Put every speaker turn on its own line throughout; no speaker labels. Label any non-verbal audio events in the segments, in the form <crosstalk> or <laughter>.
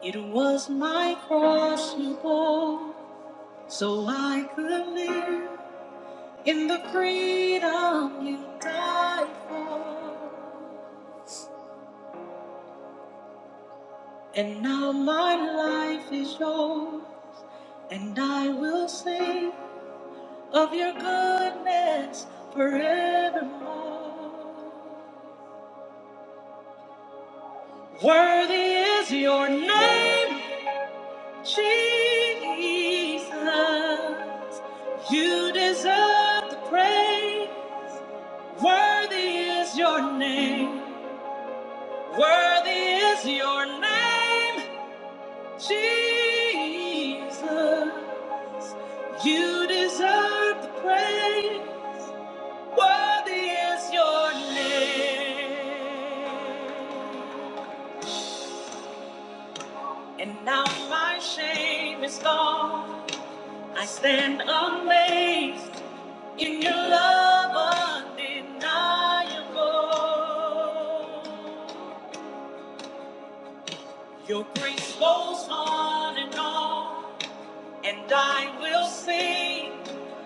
It was my cross you bore, so I could live in the freedom you died for. And now my life is yours, and I will sing of your goodness forevermore. Worthy is your name, Jesus. You deserve the praise. Worthy is your name. Worthy is your name, Jesus. You deserve the praise. Worthy is your name. And now my shame is gone. I stand amazed in your love undeniable. Your grace goes on and on, and I will sing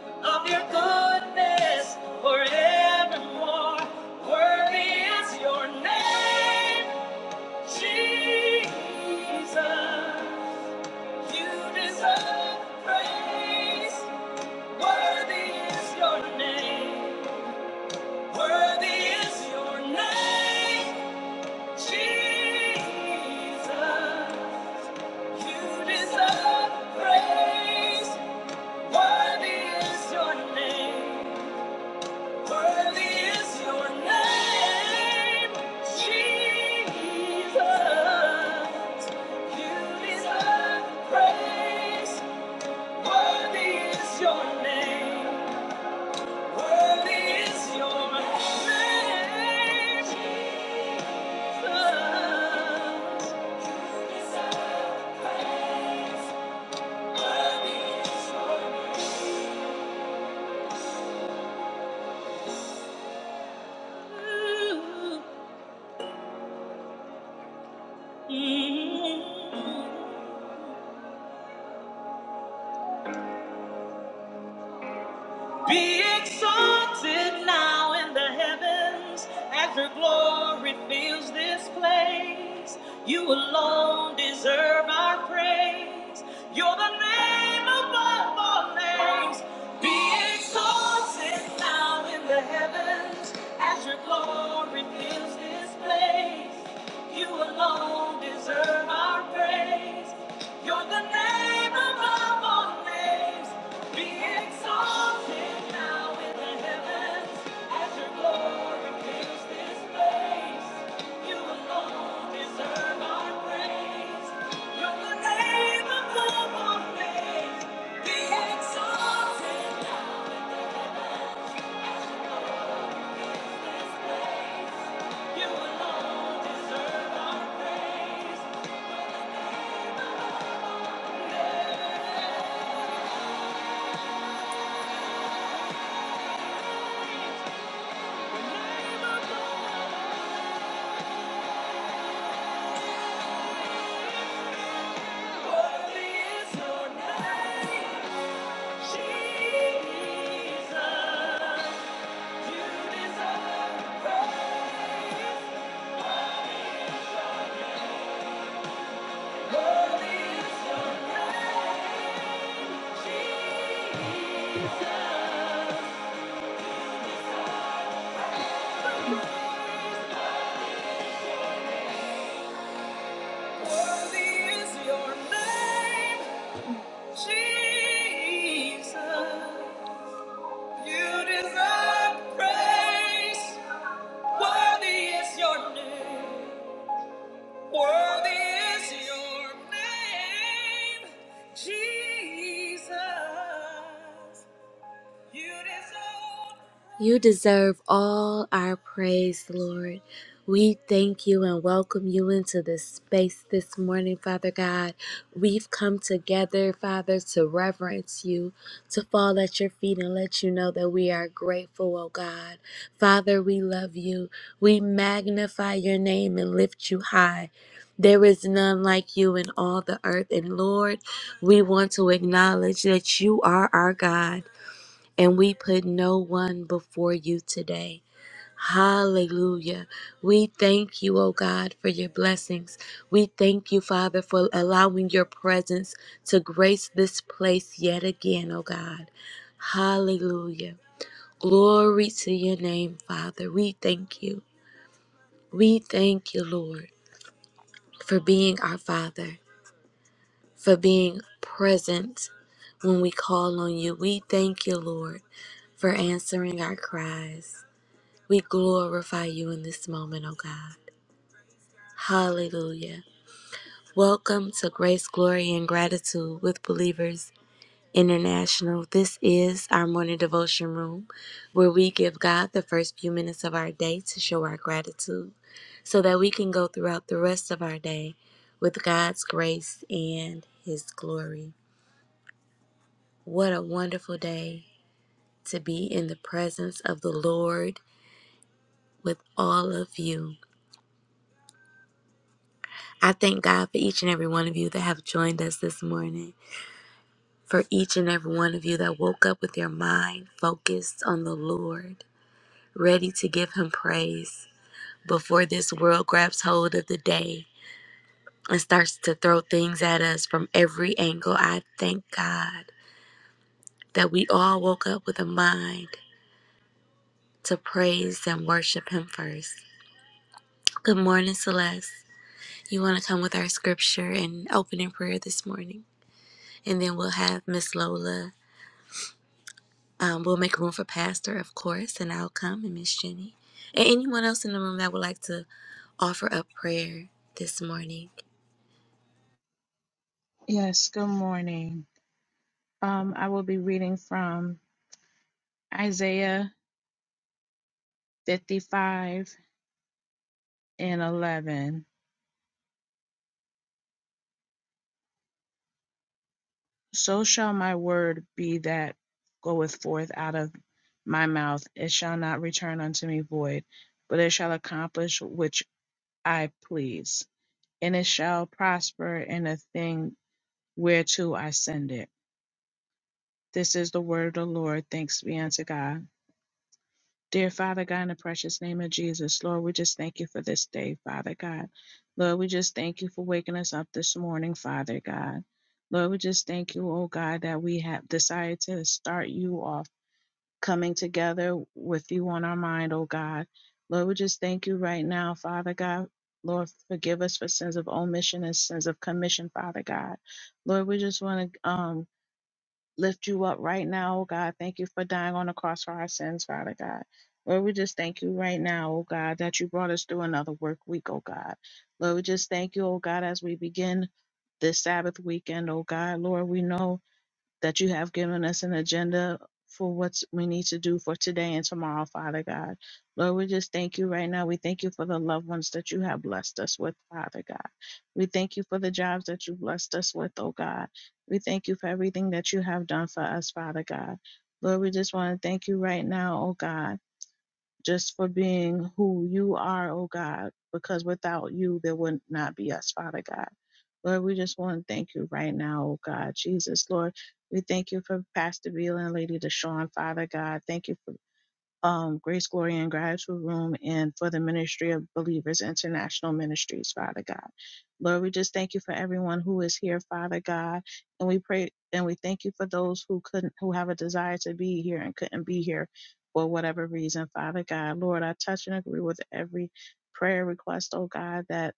of your goodness forevermore. Worthy is your name, Jesus. You deserve praise. Worthy is your name. Worthy is your name, Jesus. You deserve praise. Worthy is your name. Worthy is your name, Jesus. You deserve praise. Worthy is your name. Worthy is your name, Jesus. You deserve praise. Be exalted now in the heavens as your glory fills this place. You alone deserve our praise. You're the name above all names. Be exalted now in the heavens as your glory fills this place. You alone. alone deserve our praise. You're the name above all names. Be exalted now in the heavens as your glory fills this place. You alone deserve our praise. You're the name above all names. Be exalted in this place. You alone deserve our praise. The name above You deserve praise. Worthy is your name. Worthy is your name, Jesus. You deserve all our praise, Lord. We thank you and welcome you into this space this morning, Father God. We've come together, Father, to reverence you, to fall at your feet and let you know that we are grateful, oh God. Father, we love you. We magnify your name and lift you high. There is none like you in all the earth. And Lord, we want to acknowledge that you are our God and we put no one before you today. Hallelujah. We thank you, oh God, for your blessings. We thank you, Father, for allowing your presence to grace this place yet again, oh God. Hallelujah. Glory to your name, Father. We thank you. We thank you, Lord, for being our Father, for being present when we call on you. We thank you, Lord, for answering our cries. We glorify you in this moment, oh God. Hallelujah. Welcome to Grace, Glory, and Gratitude with Believers International. This is our morning devotion room where we give God the first few minutes of our day to show our gratitude so that we can go throughout the rest of our day with God's grace and His glory. What a wonderful day to be in the presence of the Lord with all of you. I thank God for each and every one of you that have joined us this morning, for each and every one of you that woke up with your mind focused on the Lord, ready to give Him praise before this world grabs hold of the day and starts to throw things at us from every angle. I thank God that we all woke up with a mind to praise and worship Him first. Good morning, Celeste. You want to come with our scripture and opening prayer this morning? And then we'll have Miss Lola Um, we'll make room for Pastor, of course, and I'll come and Miss Jenny. And anyone else in the room that would like to offer up prayer this morning.
Yes, good morning. Um, I will be reading from Isaiah 55 and 11. So shall my word be that goeth forth out of my mouth. It shall not return unto me void, but it shall accomplish which I please, and it shall prosper in the thing whereto I send it. This is the word of the Lord. Thanks be unto God. Dear Father God, in the precious name of Jesus, Lord, we just thank you for this day, Father God. Lord, we just thank you for waking us up this morning, Father God. Lord, we just thank you, oh God, that we have decided to start you off coming together with you on our mind, oh God. Lord, we just thank you right now, Father God. Lord, forgive us for sins of omission and sins of commission, Father God. Lord, we just want to um, lift you up right now, oh God. Thank you for dying on the cross for our sins, Father God. Lord, we just thank you right now, oh God, that you brought us through another work week, oh God. Lord, we just thank you, oh God, as we begin this Sabbath weekend, oh God. Lord, we know that you have given us an agenda for what we need to do for today and tomorrow, Father God. Lord, we just thank you right now. We thank you for the loved ones that you have blessed us with, Father God. We thank you for the jobs that you blessed us with, oh God. We thank you for everything that you have done for us, Father God. Lord, we just want to thank you right now, oh God just for being who you are, oh God, because without you, there would not be us, Father God. Lord, we just want to thank you right now, oh God, Jesus, Lord. We thank you for Pastor Beal and Lady Deshaun, Father God. Thank you for um, Grace, Glory, and Gratitude Room and for the Ministry of Believers International Ministries, Father God. Lord, we just thank you for everyone who is here, Father God. And we pray and we thank you for those who couldn't, who have a desire to be here and couldn't be here for whatever reason, Father God. Lord, I touch and agree with every prayer request, oh God, that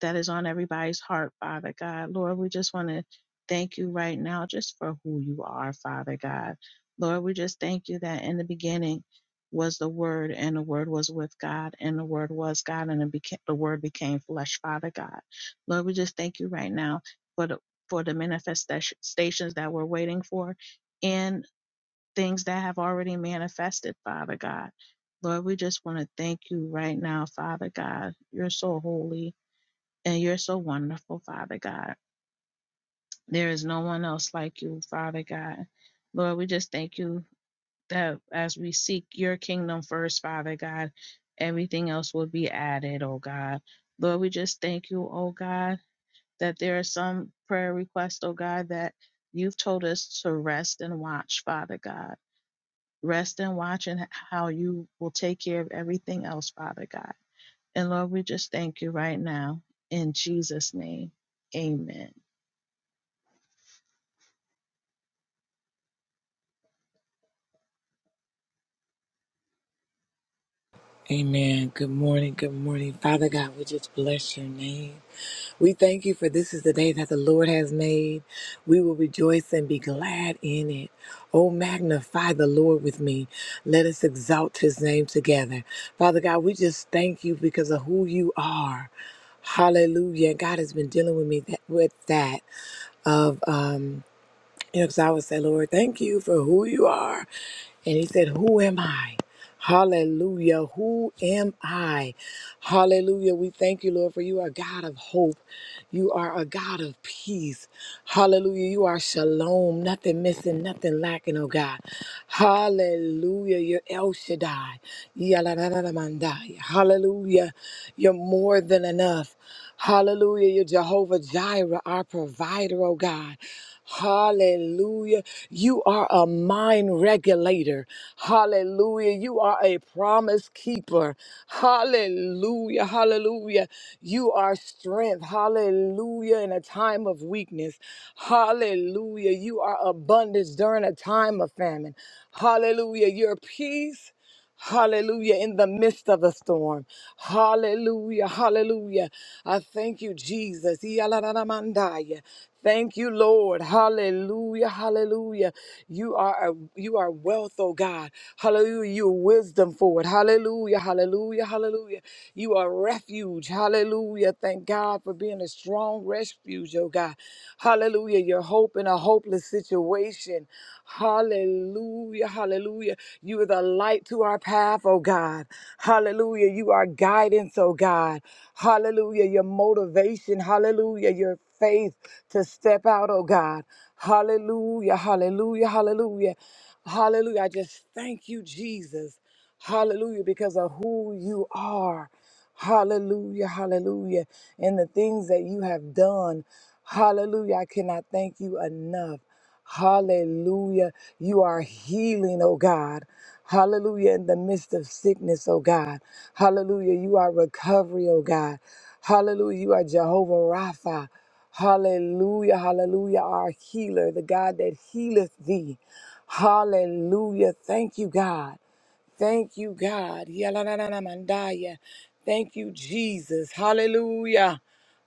that is on everybody's heart, Father God. Lord, we just want to thank you right now just for who you are, Father God. Lord, we just thank you that in the beginning was the Word, and the Word was with God, and the Word was God, and it beca- the Word became flesh, Father God. Lord, we just thank you right now for the for the manifestations that we're waiting for and things that have already manifested, Father God. Lord, we just want to thank you right now, Father God. You're so holy and you're so wonderful, Father God. There is no one else like you, Father God. Lord, we just thank you that as we seek your kingdom first, Father God, everything else will be added, oh God. Lord, we just thank you, oh God, that there are some prayer requests, oh God, that you've told us to rest and watch, Father God. Rest and watch and how you will take care of everything else, Father God. And Lord, we just thank you right now in Jesus' name. Amen.
Amen. Good morning. Good morning. Father God, we just bless your name. We thank you for this is the day that the Lord has made. We will rejoice and be glad in it. Oh, magnify the Lord with me. Let us exalt his name together. Father God, we just thank you because of who you are. Hallelujah. God has been dealing with me that, with that of um you know, because I would say, Lord, thank you for who you are. And he said, Who am I? Hallelujah. Who am I? Hallelujah. We thank you, Lord, for you are a God of hope. You are a God of peace. Hallelujah. You are shalom. Nothing missing, nothing lacking, oh God. Hallelujah. You're El Shaddai. Yaladadadamandai. Hallelujah. You're more than enough. Hallelujah. You're Jehovah Jireh, our provider, oh God. Hallelujah. You are a mind regulator. Hallelujah. You are a promise keeper. Hallelujah. Hallelujah. You are strength. Hallelujah. In a time of weakness. Hallelujah. You are abundance during a time of famine. Hallelujah. Your peace. Hallelujah. In the midst of the storm. Hallelujah. Hallelujah. I thank you, Jesus. Yalanamandaya. Thank you, Lord. Hallelujah. Hallelujah. You are a, you are wealth, oh God. Hallelujah. You are wisdom for it. Hallelujah. Hallelujah. Hallelujah. You are refuge. Hallelujah. Thank God for being a strong refuge, oh God. Hallelujah. Your hope in a hopeless hopeless situation. Hallelujah, hallelujah. You are the light to our path, oh God. Hallelujah. You are guidance, oh God. Hallelujah. Your motivation, hallelujah. Your faith to step out, oh God. Hallelujah, hallelujah, hallelujah. Hallelujah. I just thank you, Jesus. Hallelujah, because of who you are. Hallelujah, hallelujah. And the things that you have done, hallelujah, I cannot thank you enough. Hallelujah. You are healing, oh God. Hallelujah. In the midst of sickness, oh God. Hallelujah. You are recovery, oh God. Hallelujah. You are Jehovah Rapha. Hallelujah. Hallelujah. Our healer, the God that healeth thee. Hallelujah. Thank you, God. Thank you, God. Yalananamandaya. Thank you, Jesus. Hallelujah.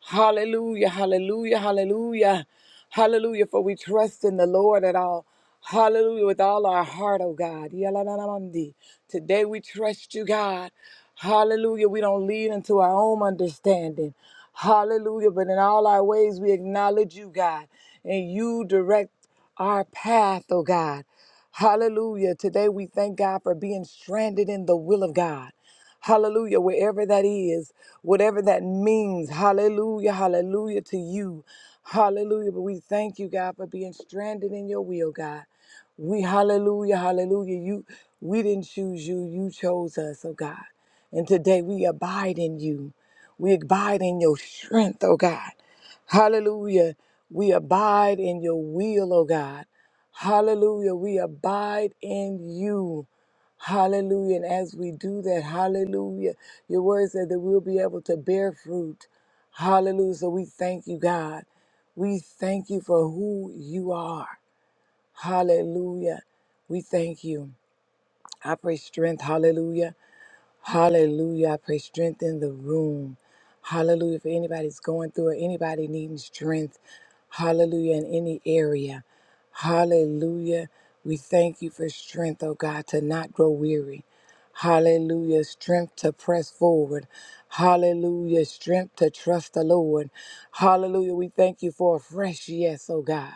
Hallelujah. Hallelujah. Hallelujah. Hallelujah. For we trust in the Lord at all. Hallelujah. With all our heart, oh God. Yalananamandi. Today we trust you, God. Hallelujah. We don't lean into our own understanding. Hallelujah. But in all our ways, we acknowledge you, God. And you direct our path, oh God. Hallelujah. Today we thank God for being stranded in the will of God. Hallelujah. Wherever that is, whatever that means. Hallelujah. Hallelujah to you. Hallelujah. But we thank you, God, for being stranded in your will, God. We hallelujah, hallelujah. You we didn't choose you, you chose us, oh God. And today we abide in you. We abide in your strength, oh God. Hallelujah. We abide in your will, oh God. Hallelujah. We abide in you. Hallelujah. And as we do that, hallelujah, your word said that we'll be able to bear fruit. Hallelujah. So we thank you, God. We thank you for who you are. Hallelujah. We thank you. I pray strength. Hallelujah. Hallelujah. I pray strength in the room. Hallelujah. for anybody's going through or anybody needing strength, hallelujah, in any area. Hallelujah. We thank you for strength, oh God, to not grow weary. Hallelujah. Strength to press forward. Hallelujah. Strength to trust the Lord. Hallelujah. We thank you for a fresh yes, oh God.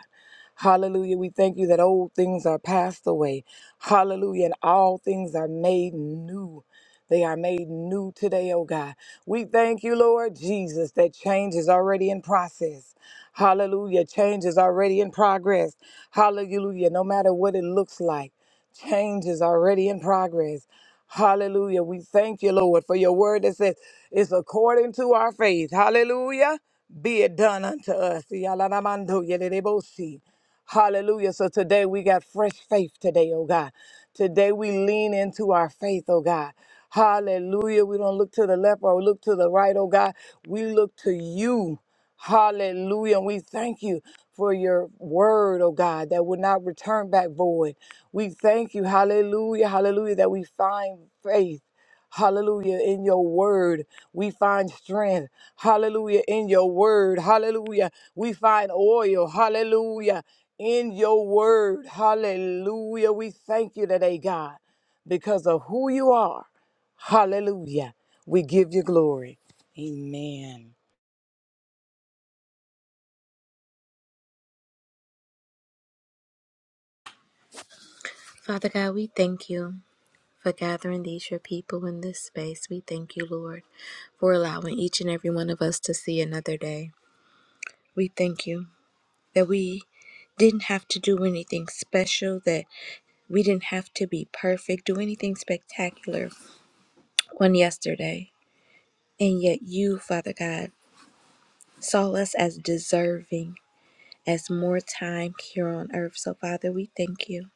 Hallelujah. We thank you that old things are passed away. Hallelujah. And all things are made new. They are made new today, oh God. We thank you, Lord Jesus, that change is already in process. Hallelujah. Change is already in progress. Hallelujah. No matter what it looks like. Change is already in progress. Hallelujah. We thank you, Lord, for your word that says it's according to our faith. Hallelujah. Be it done unto us. Yalanamando yelelebosi. Hallelujah. So today we got fresh faith today, oh God. Today we lean into our faith, oh God. Hallelujah. We don't look to the left or look to the right, oh God. We look to you. Hallelujah. And we thank you for your word, oh God, that will not return back void. We thank you, hallelujah, hallelujah, that we find faith. Hallelujah. In your word, we find strength. Hallelujah. In your word, hallelujah. We find oil. Hallelujah. In your word, hallelujah. We thank you today, God, because of who you are. Hallelujah. We give you glory. Amen.
Father God, we thank you for gathering these, your people, in this space. We thank you, Lord, for allowing each and every one of us to see another day. We thank you that we didn't have to do anything special, that we didn't have to be perfect, do anything spectacular on yesterday. And yet, you, Father God, saw us as deserving as more time here on earth. So, Father, we thank you.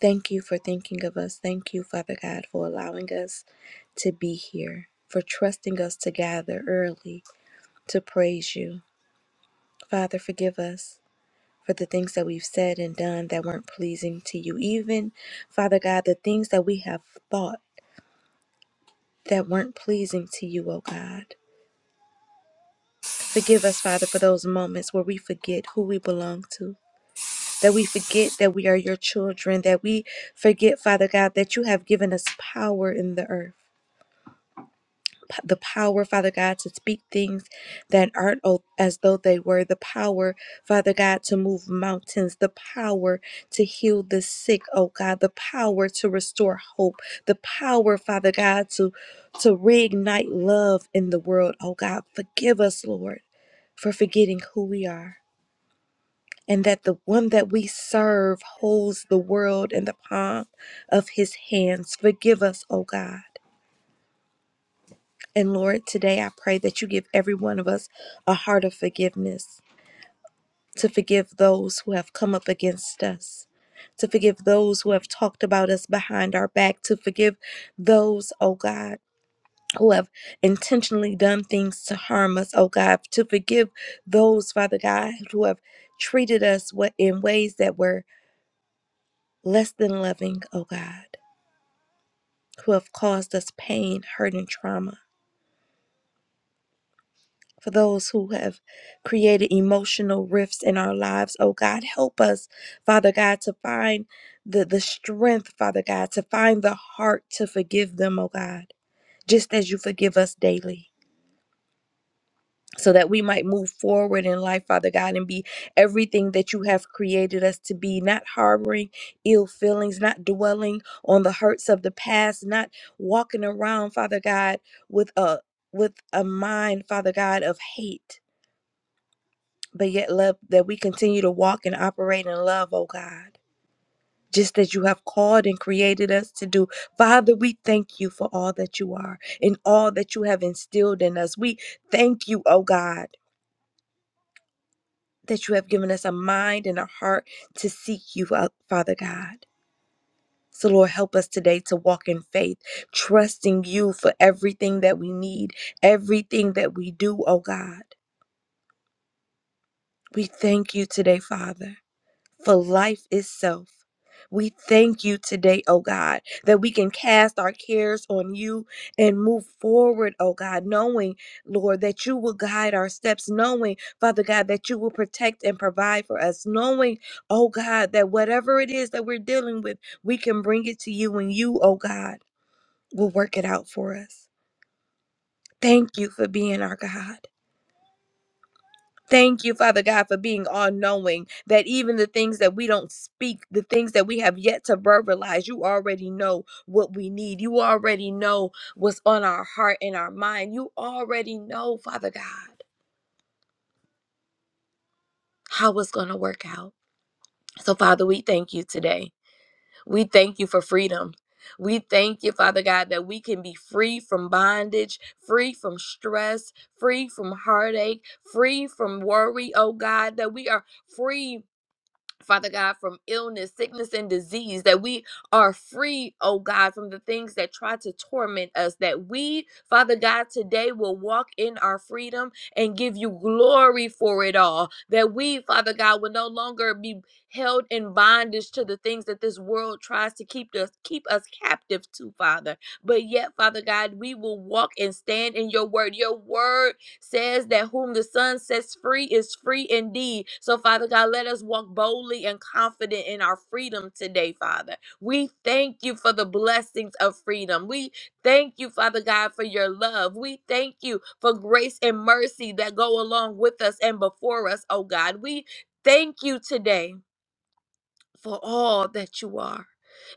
Thank you for thinking of us. Thank you, Father God, for allowing us to be here, for trusting us to gather early to praise you. Father, forgive us for the things that we've said and done that weren't pleasing to you. Even, Father God, the things that we have thought that weren't pleasing to you, oh God. Forgive us, Father, for those moments where we forget who we belong to that we forget that we are your children, that we forget, Father God, that you have given us power in the earth. P- The power, Father God, to speak things that aren't o- as though they were. The power, Father God, to move mountains. The power to heal the sick, oh God. The power to restore hope. The power, Father God, to, to reignite love in the world, oh God. Forgive us, Lord, for forgetting who we are. and that the one that we serve holds the world in the palm of his hands. Forgive us, O God. And Lord, today I pray that you give every one of us a heart of forgiveness to forgive those who have come up against us, to forgive those who have talked about us behind our back, to forgive those, oh God. Who have intentionally done things to harm us, oh God, to forgive those, Father God, who have treated us wa- in ways that were less than loving, O God, who have caused us pain, hurt, and trauma. For those who have created emotional rifts in our lives, oh God, help us, Father God, to find the, the strength, Father God, to find the heart to forgive them, oh God, just as you forgive us daily. so that we might move forward in life, Father God, and be everything that you have created us to be, not harboring ill feelings, not dwelling on the hurts of the past, not walking around, Father God, with a with a mind, Father God, of hate, but yet love that we continue to walk and operate in love, oh God. Just as you have called and created us to do. Father, we thank you for all that you are and all that you have instilled in us. We thank you, oh God that you have given us a mind and a heart to seek you out, Father God. So, Lord, help us today to walk in faith, trusting you for everything that we need, everything that we do, oh God. We thank you today, Father. for life itself. We thank you today, oh God, that we can cast our cares on you and move forward, oh God, knowing, Lord, that you will guide our steps, knowing, Father God, that you will protect and provide for us, knowing, oh God, that whatever it is that we're dealing with, we can bring it to you and you, oh God, will work it out for us. Thank you for being our God. Thank you, Father God, for being all knowing that even the things that we don't speak, the things that we have yet to verbalize, you already know what we need. You already know what's on our heart and our mind. You already know, Father God, how it's going to work out. So, Father, we thank you today. We thank you for freedom. We thank you, Father God, that we can be free from bondage, free from stress, free from heartache, free from worry, oh God, that we are free Father God, from illness, sickness, and disease, that we are free, oh God, from the things that try to torment us, that we, Father God, today will walk in our freedom and give you glory for it all, that we, Father God, will no longer be held in bondage to the things that this world tries to keep us keep us captive to father but yet father god we will walk and stand in your word your word says that whom the Son sets free is free indeed. So, Father God, let us walk boldly and confident in our freedom today, Father. We thank you for the blessings of freedom. We thank you, Father God, for your love. We thank you for grace and mercy that go along with us and before us, oh God. We thank you today for all that you are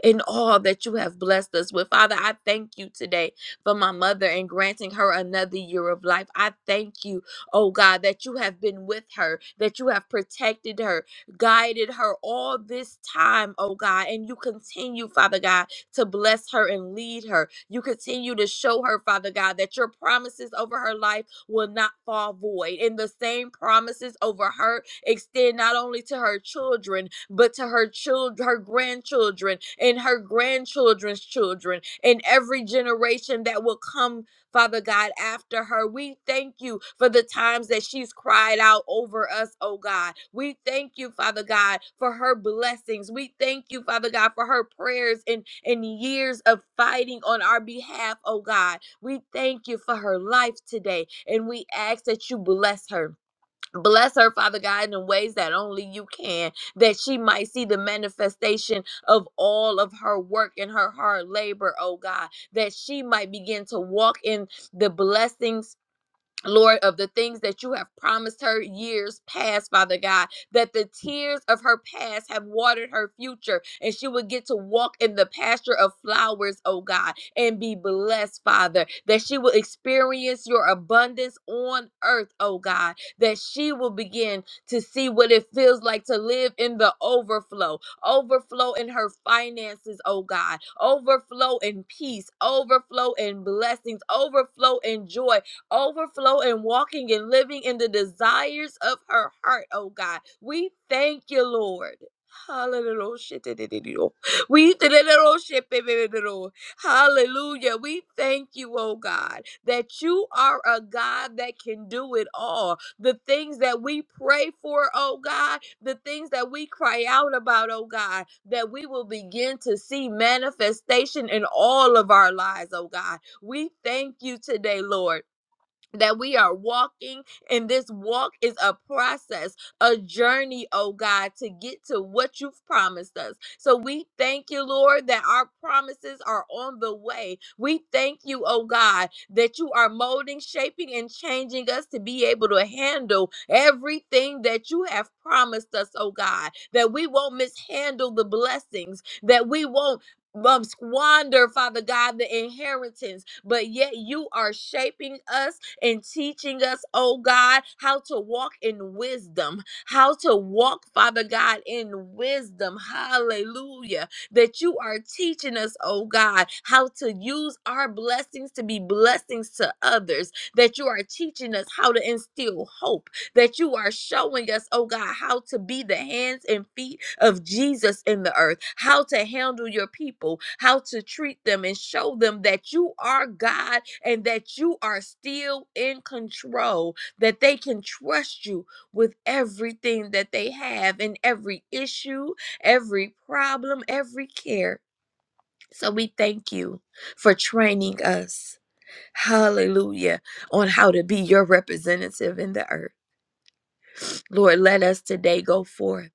and all that you have blessed us with. Father, I thank you today for my mother and granting her another year of life. I thank you, oh God, that you have been with her, that you have protected her, guided her all this time, oh God, and you continue, Father God to bless her and lead her. You continue to show her, Father God, that your promises over her life will not fall void. And the same promises over her extend not only to her children, but to her children, her grandchildren, and her grandchildren's children, and every generation that will come Father God, after her. We thank you for the times that she's cried out over us, oh God. We thank you, Father God, for her blessings. We thank you, Father God, for her prayers and, and years of fighting on our behalf, oh God. We thank you for her life today, and we ask that you bless her. Bless her, Father God, in ways that only you can, that she might see the manifestation of all of her work and her hard labor, oh God, that she might begin to walk in the blessings Lord, of the things that you have promised her years past, Father God, that the tears of her past have watered her future and she would get to walk in the pasture of flowers, oh God, and be blessed, Father, that she will experience your abundance on earth, oh God, that she will begin to see what it feels like to live in the overflow, overflow in her finances, oh God, overflow in peace, overflow in blessings, overflow in joy, overflow and walking and living in the desires of her heart, oh God. We thank you, Lord. Hallelujah. We Hallelujah. We thank you, oh God, that you are a God that can do it all. The things that we pray for, oh God, the things that we cry out about, oh God, that we will begin to see manifestation in all of our lives, oh God. We thank you today, Lord that we are walking and this walk is a process a journey oh god to get to what you've promised us so we thank you lord that our promises are on the way we thank you oh god that you are molding shaping and changing us to be able to handle everything that you have promised us oh god that we won't mishandle the blessings that we won't um, squander, Father God, the inheritance, but yet you are shaping us and teaching us, oh God, how to walk in wisdom, how to walk, Father God, in wisdom. Hallelujah. That you are teaching us, oh God, how to use our blessings to be blessings to others, that you are teaching us how to instill hope that you are showing us, oh God, how to be the hands and feet of Jesus in the earth, how to handle your people, how to treat them, and show them that you are God and that you are still in control, that they can trust you with everything that they have and every issue, every problem, every care. So we thank you for training us, hallelujah, on how to be your representative in the earth. Lord, let us today go forth.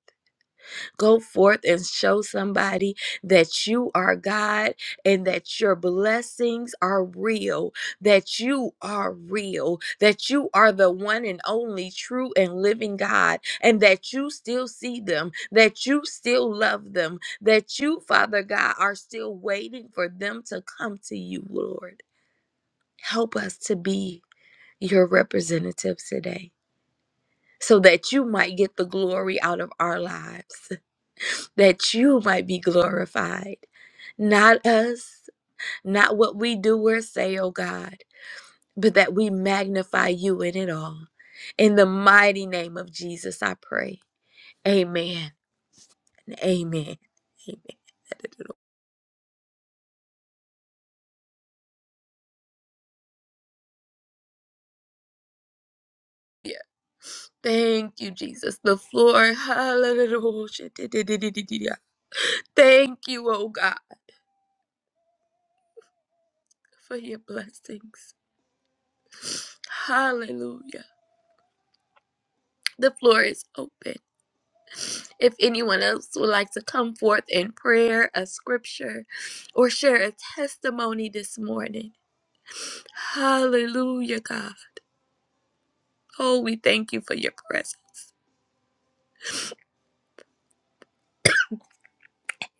Go forth and show somebody that you are God and that your blessings are real, that you are real, that you are the one and only true and living God, and that you still see them, that you still love them, that you, Father God, are still waiting for them to come to you, Lord. Help us to be your representatives today so that you might get the glory out of our lives, that you might be glorified. Not us, not what we do or say, oh God, but that we magnify you in it all. In the mighty name of Jesus, I pray. Amen. Amen. Amen. Hallelujah. Thank you, Jesus. The floor. Hallelujah. Thank you, oh God, for your blessings. Hallelujah. The floor is open. If anyone else would like to come forth in prayer, a scripture, or share a testimony this morning, hallelujah, God. Oh, we thank you for your presence.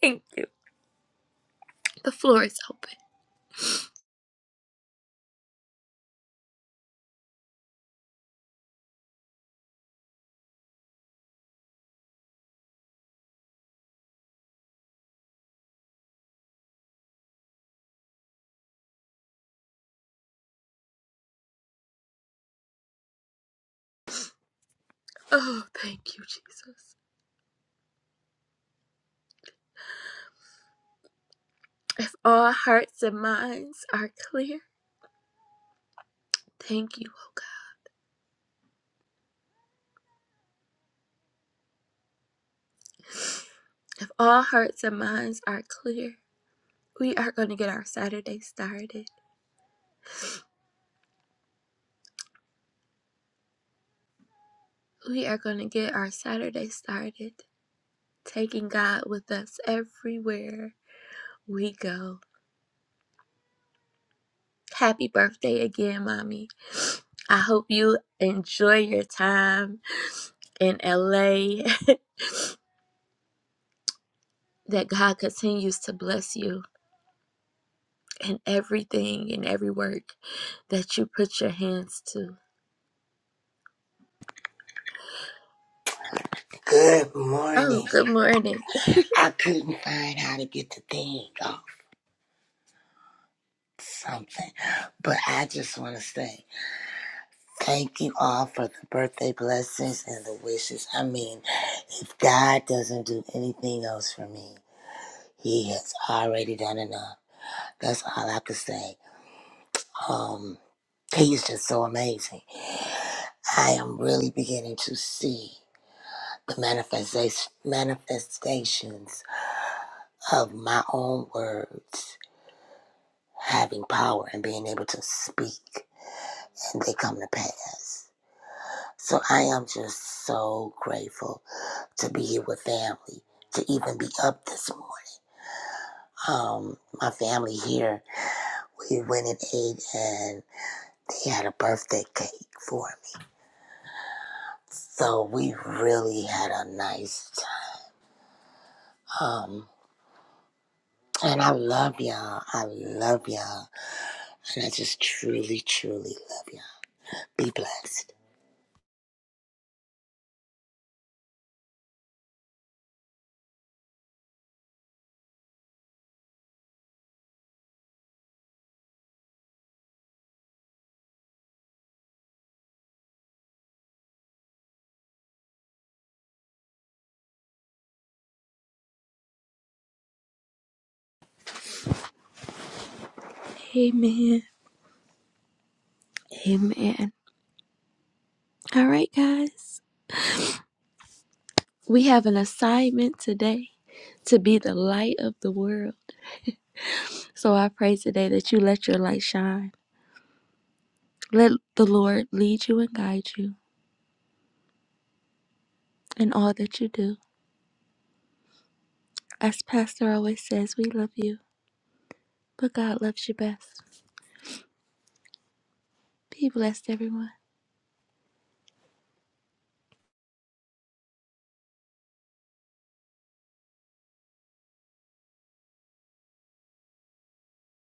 Thank you. The floor is open. Oh, thank you, Jesus. If all hearts and minds are clear, thank you, oh God. If all hearts and minds are clear, we are going to get our Saturday started. We are going to get our Saturday started. taking God with us everywhere we go. Happy birthday again, Mommy. I hope you enjoy your time in LA, <laughs> that God continues to bless you in everything and every work that you put your hands to.
Good
Oh,
morning.
good morning.
I couldn't find how to get the thing off something, but I just want to say thank you all for the birthday blessings and the wishes. I mean, if God doesn't do anything else for me, He has already done enough. That's all I can say. Um, He is just so amazing. I am really beginning to see the manifestation manifestations of my own words having power and being able to speak, and they come to pass. So I am just so grateful to be here with family, to even be up this morning. Um, my family here, we went and ate, and they had a birthday cake for me. So we really had a nice time. And I love y'all. I love y'all. And I just truly, truly love y'all. Be blessed.
Amen. Amen. All right, guys. We have an assignment today to be the light of the world. So I pray today that you let your light shine Let the Lord lead you and guide you in all that you do. As Pastor always says, we love you, but God loves you best. Be blessed, everyone.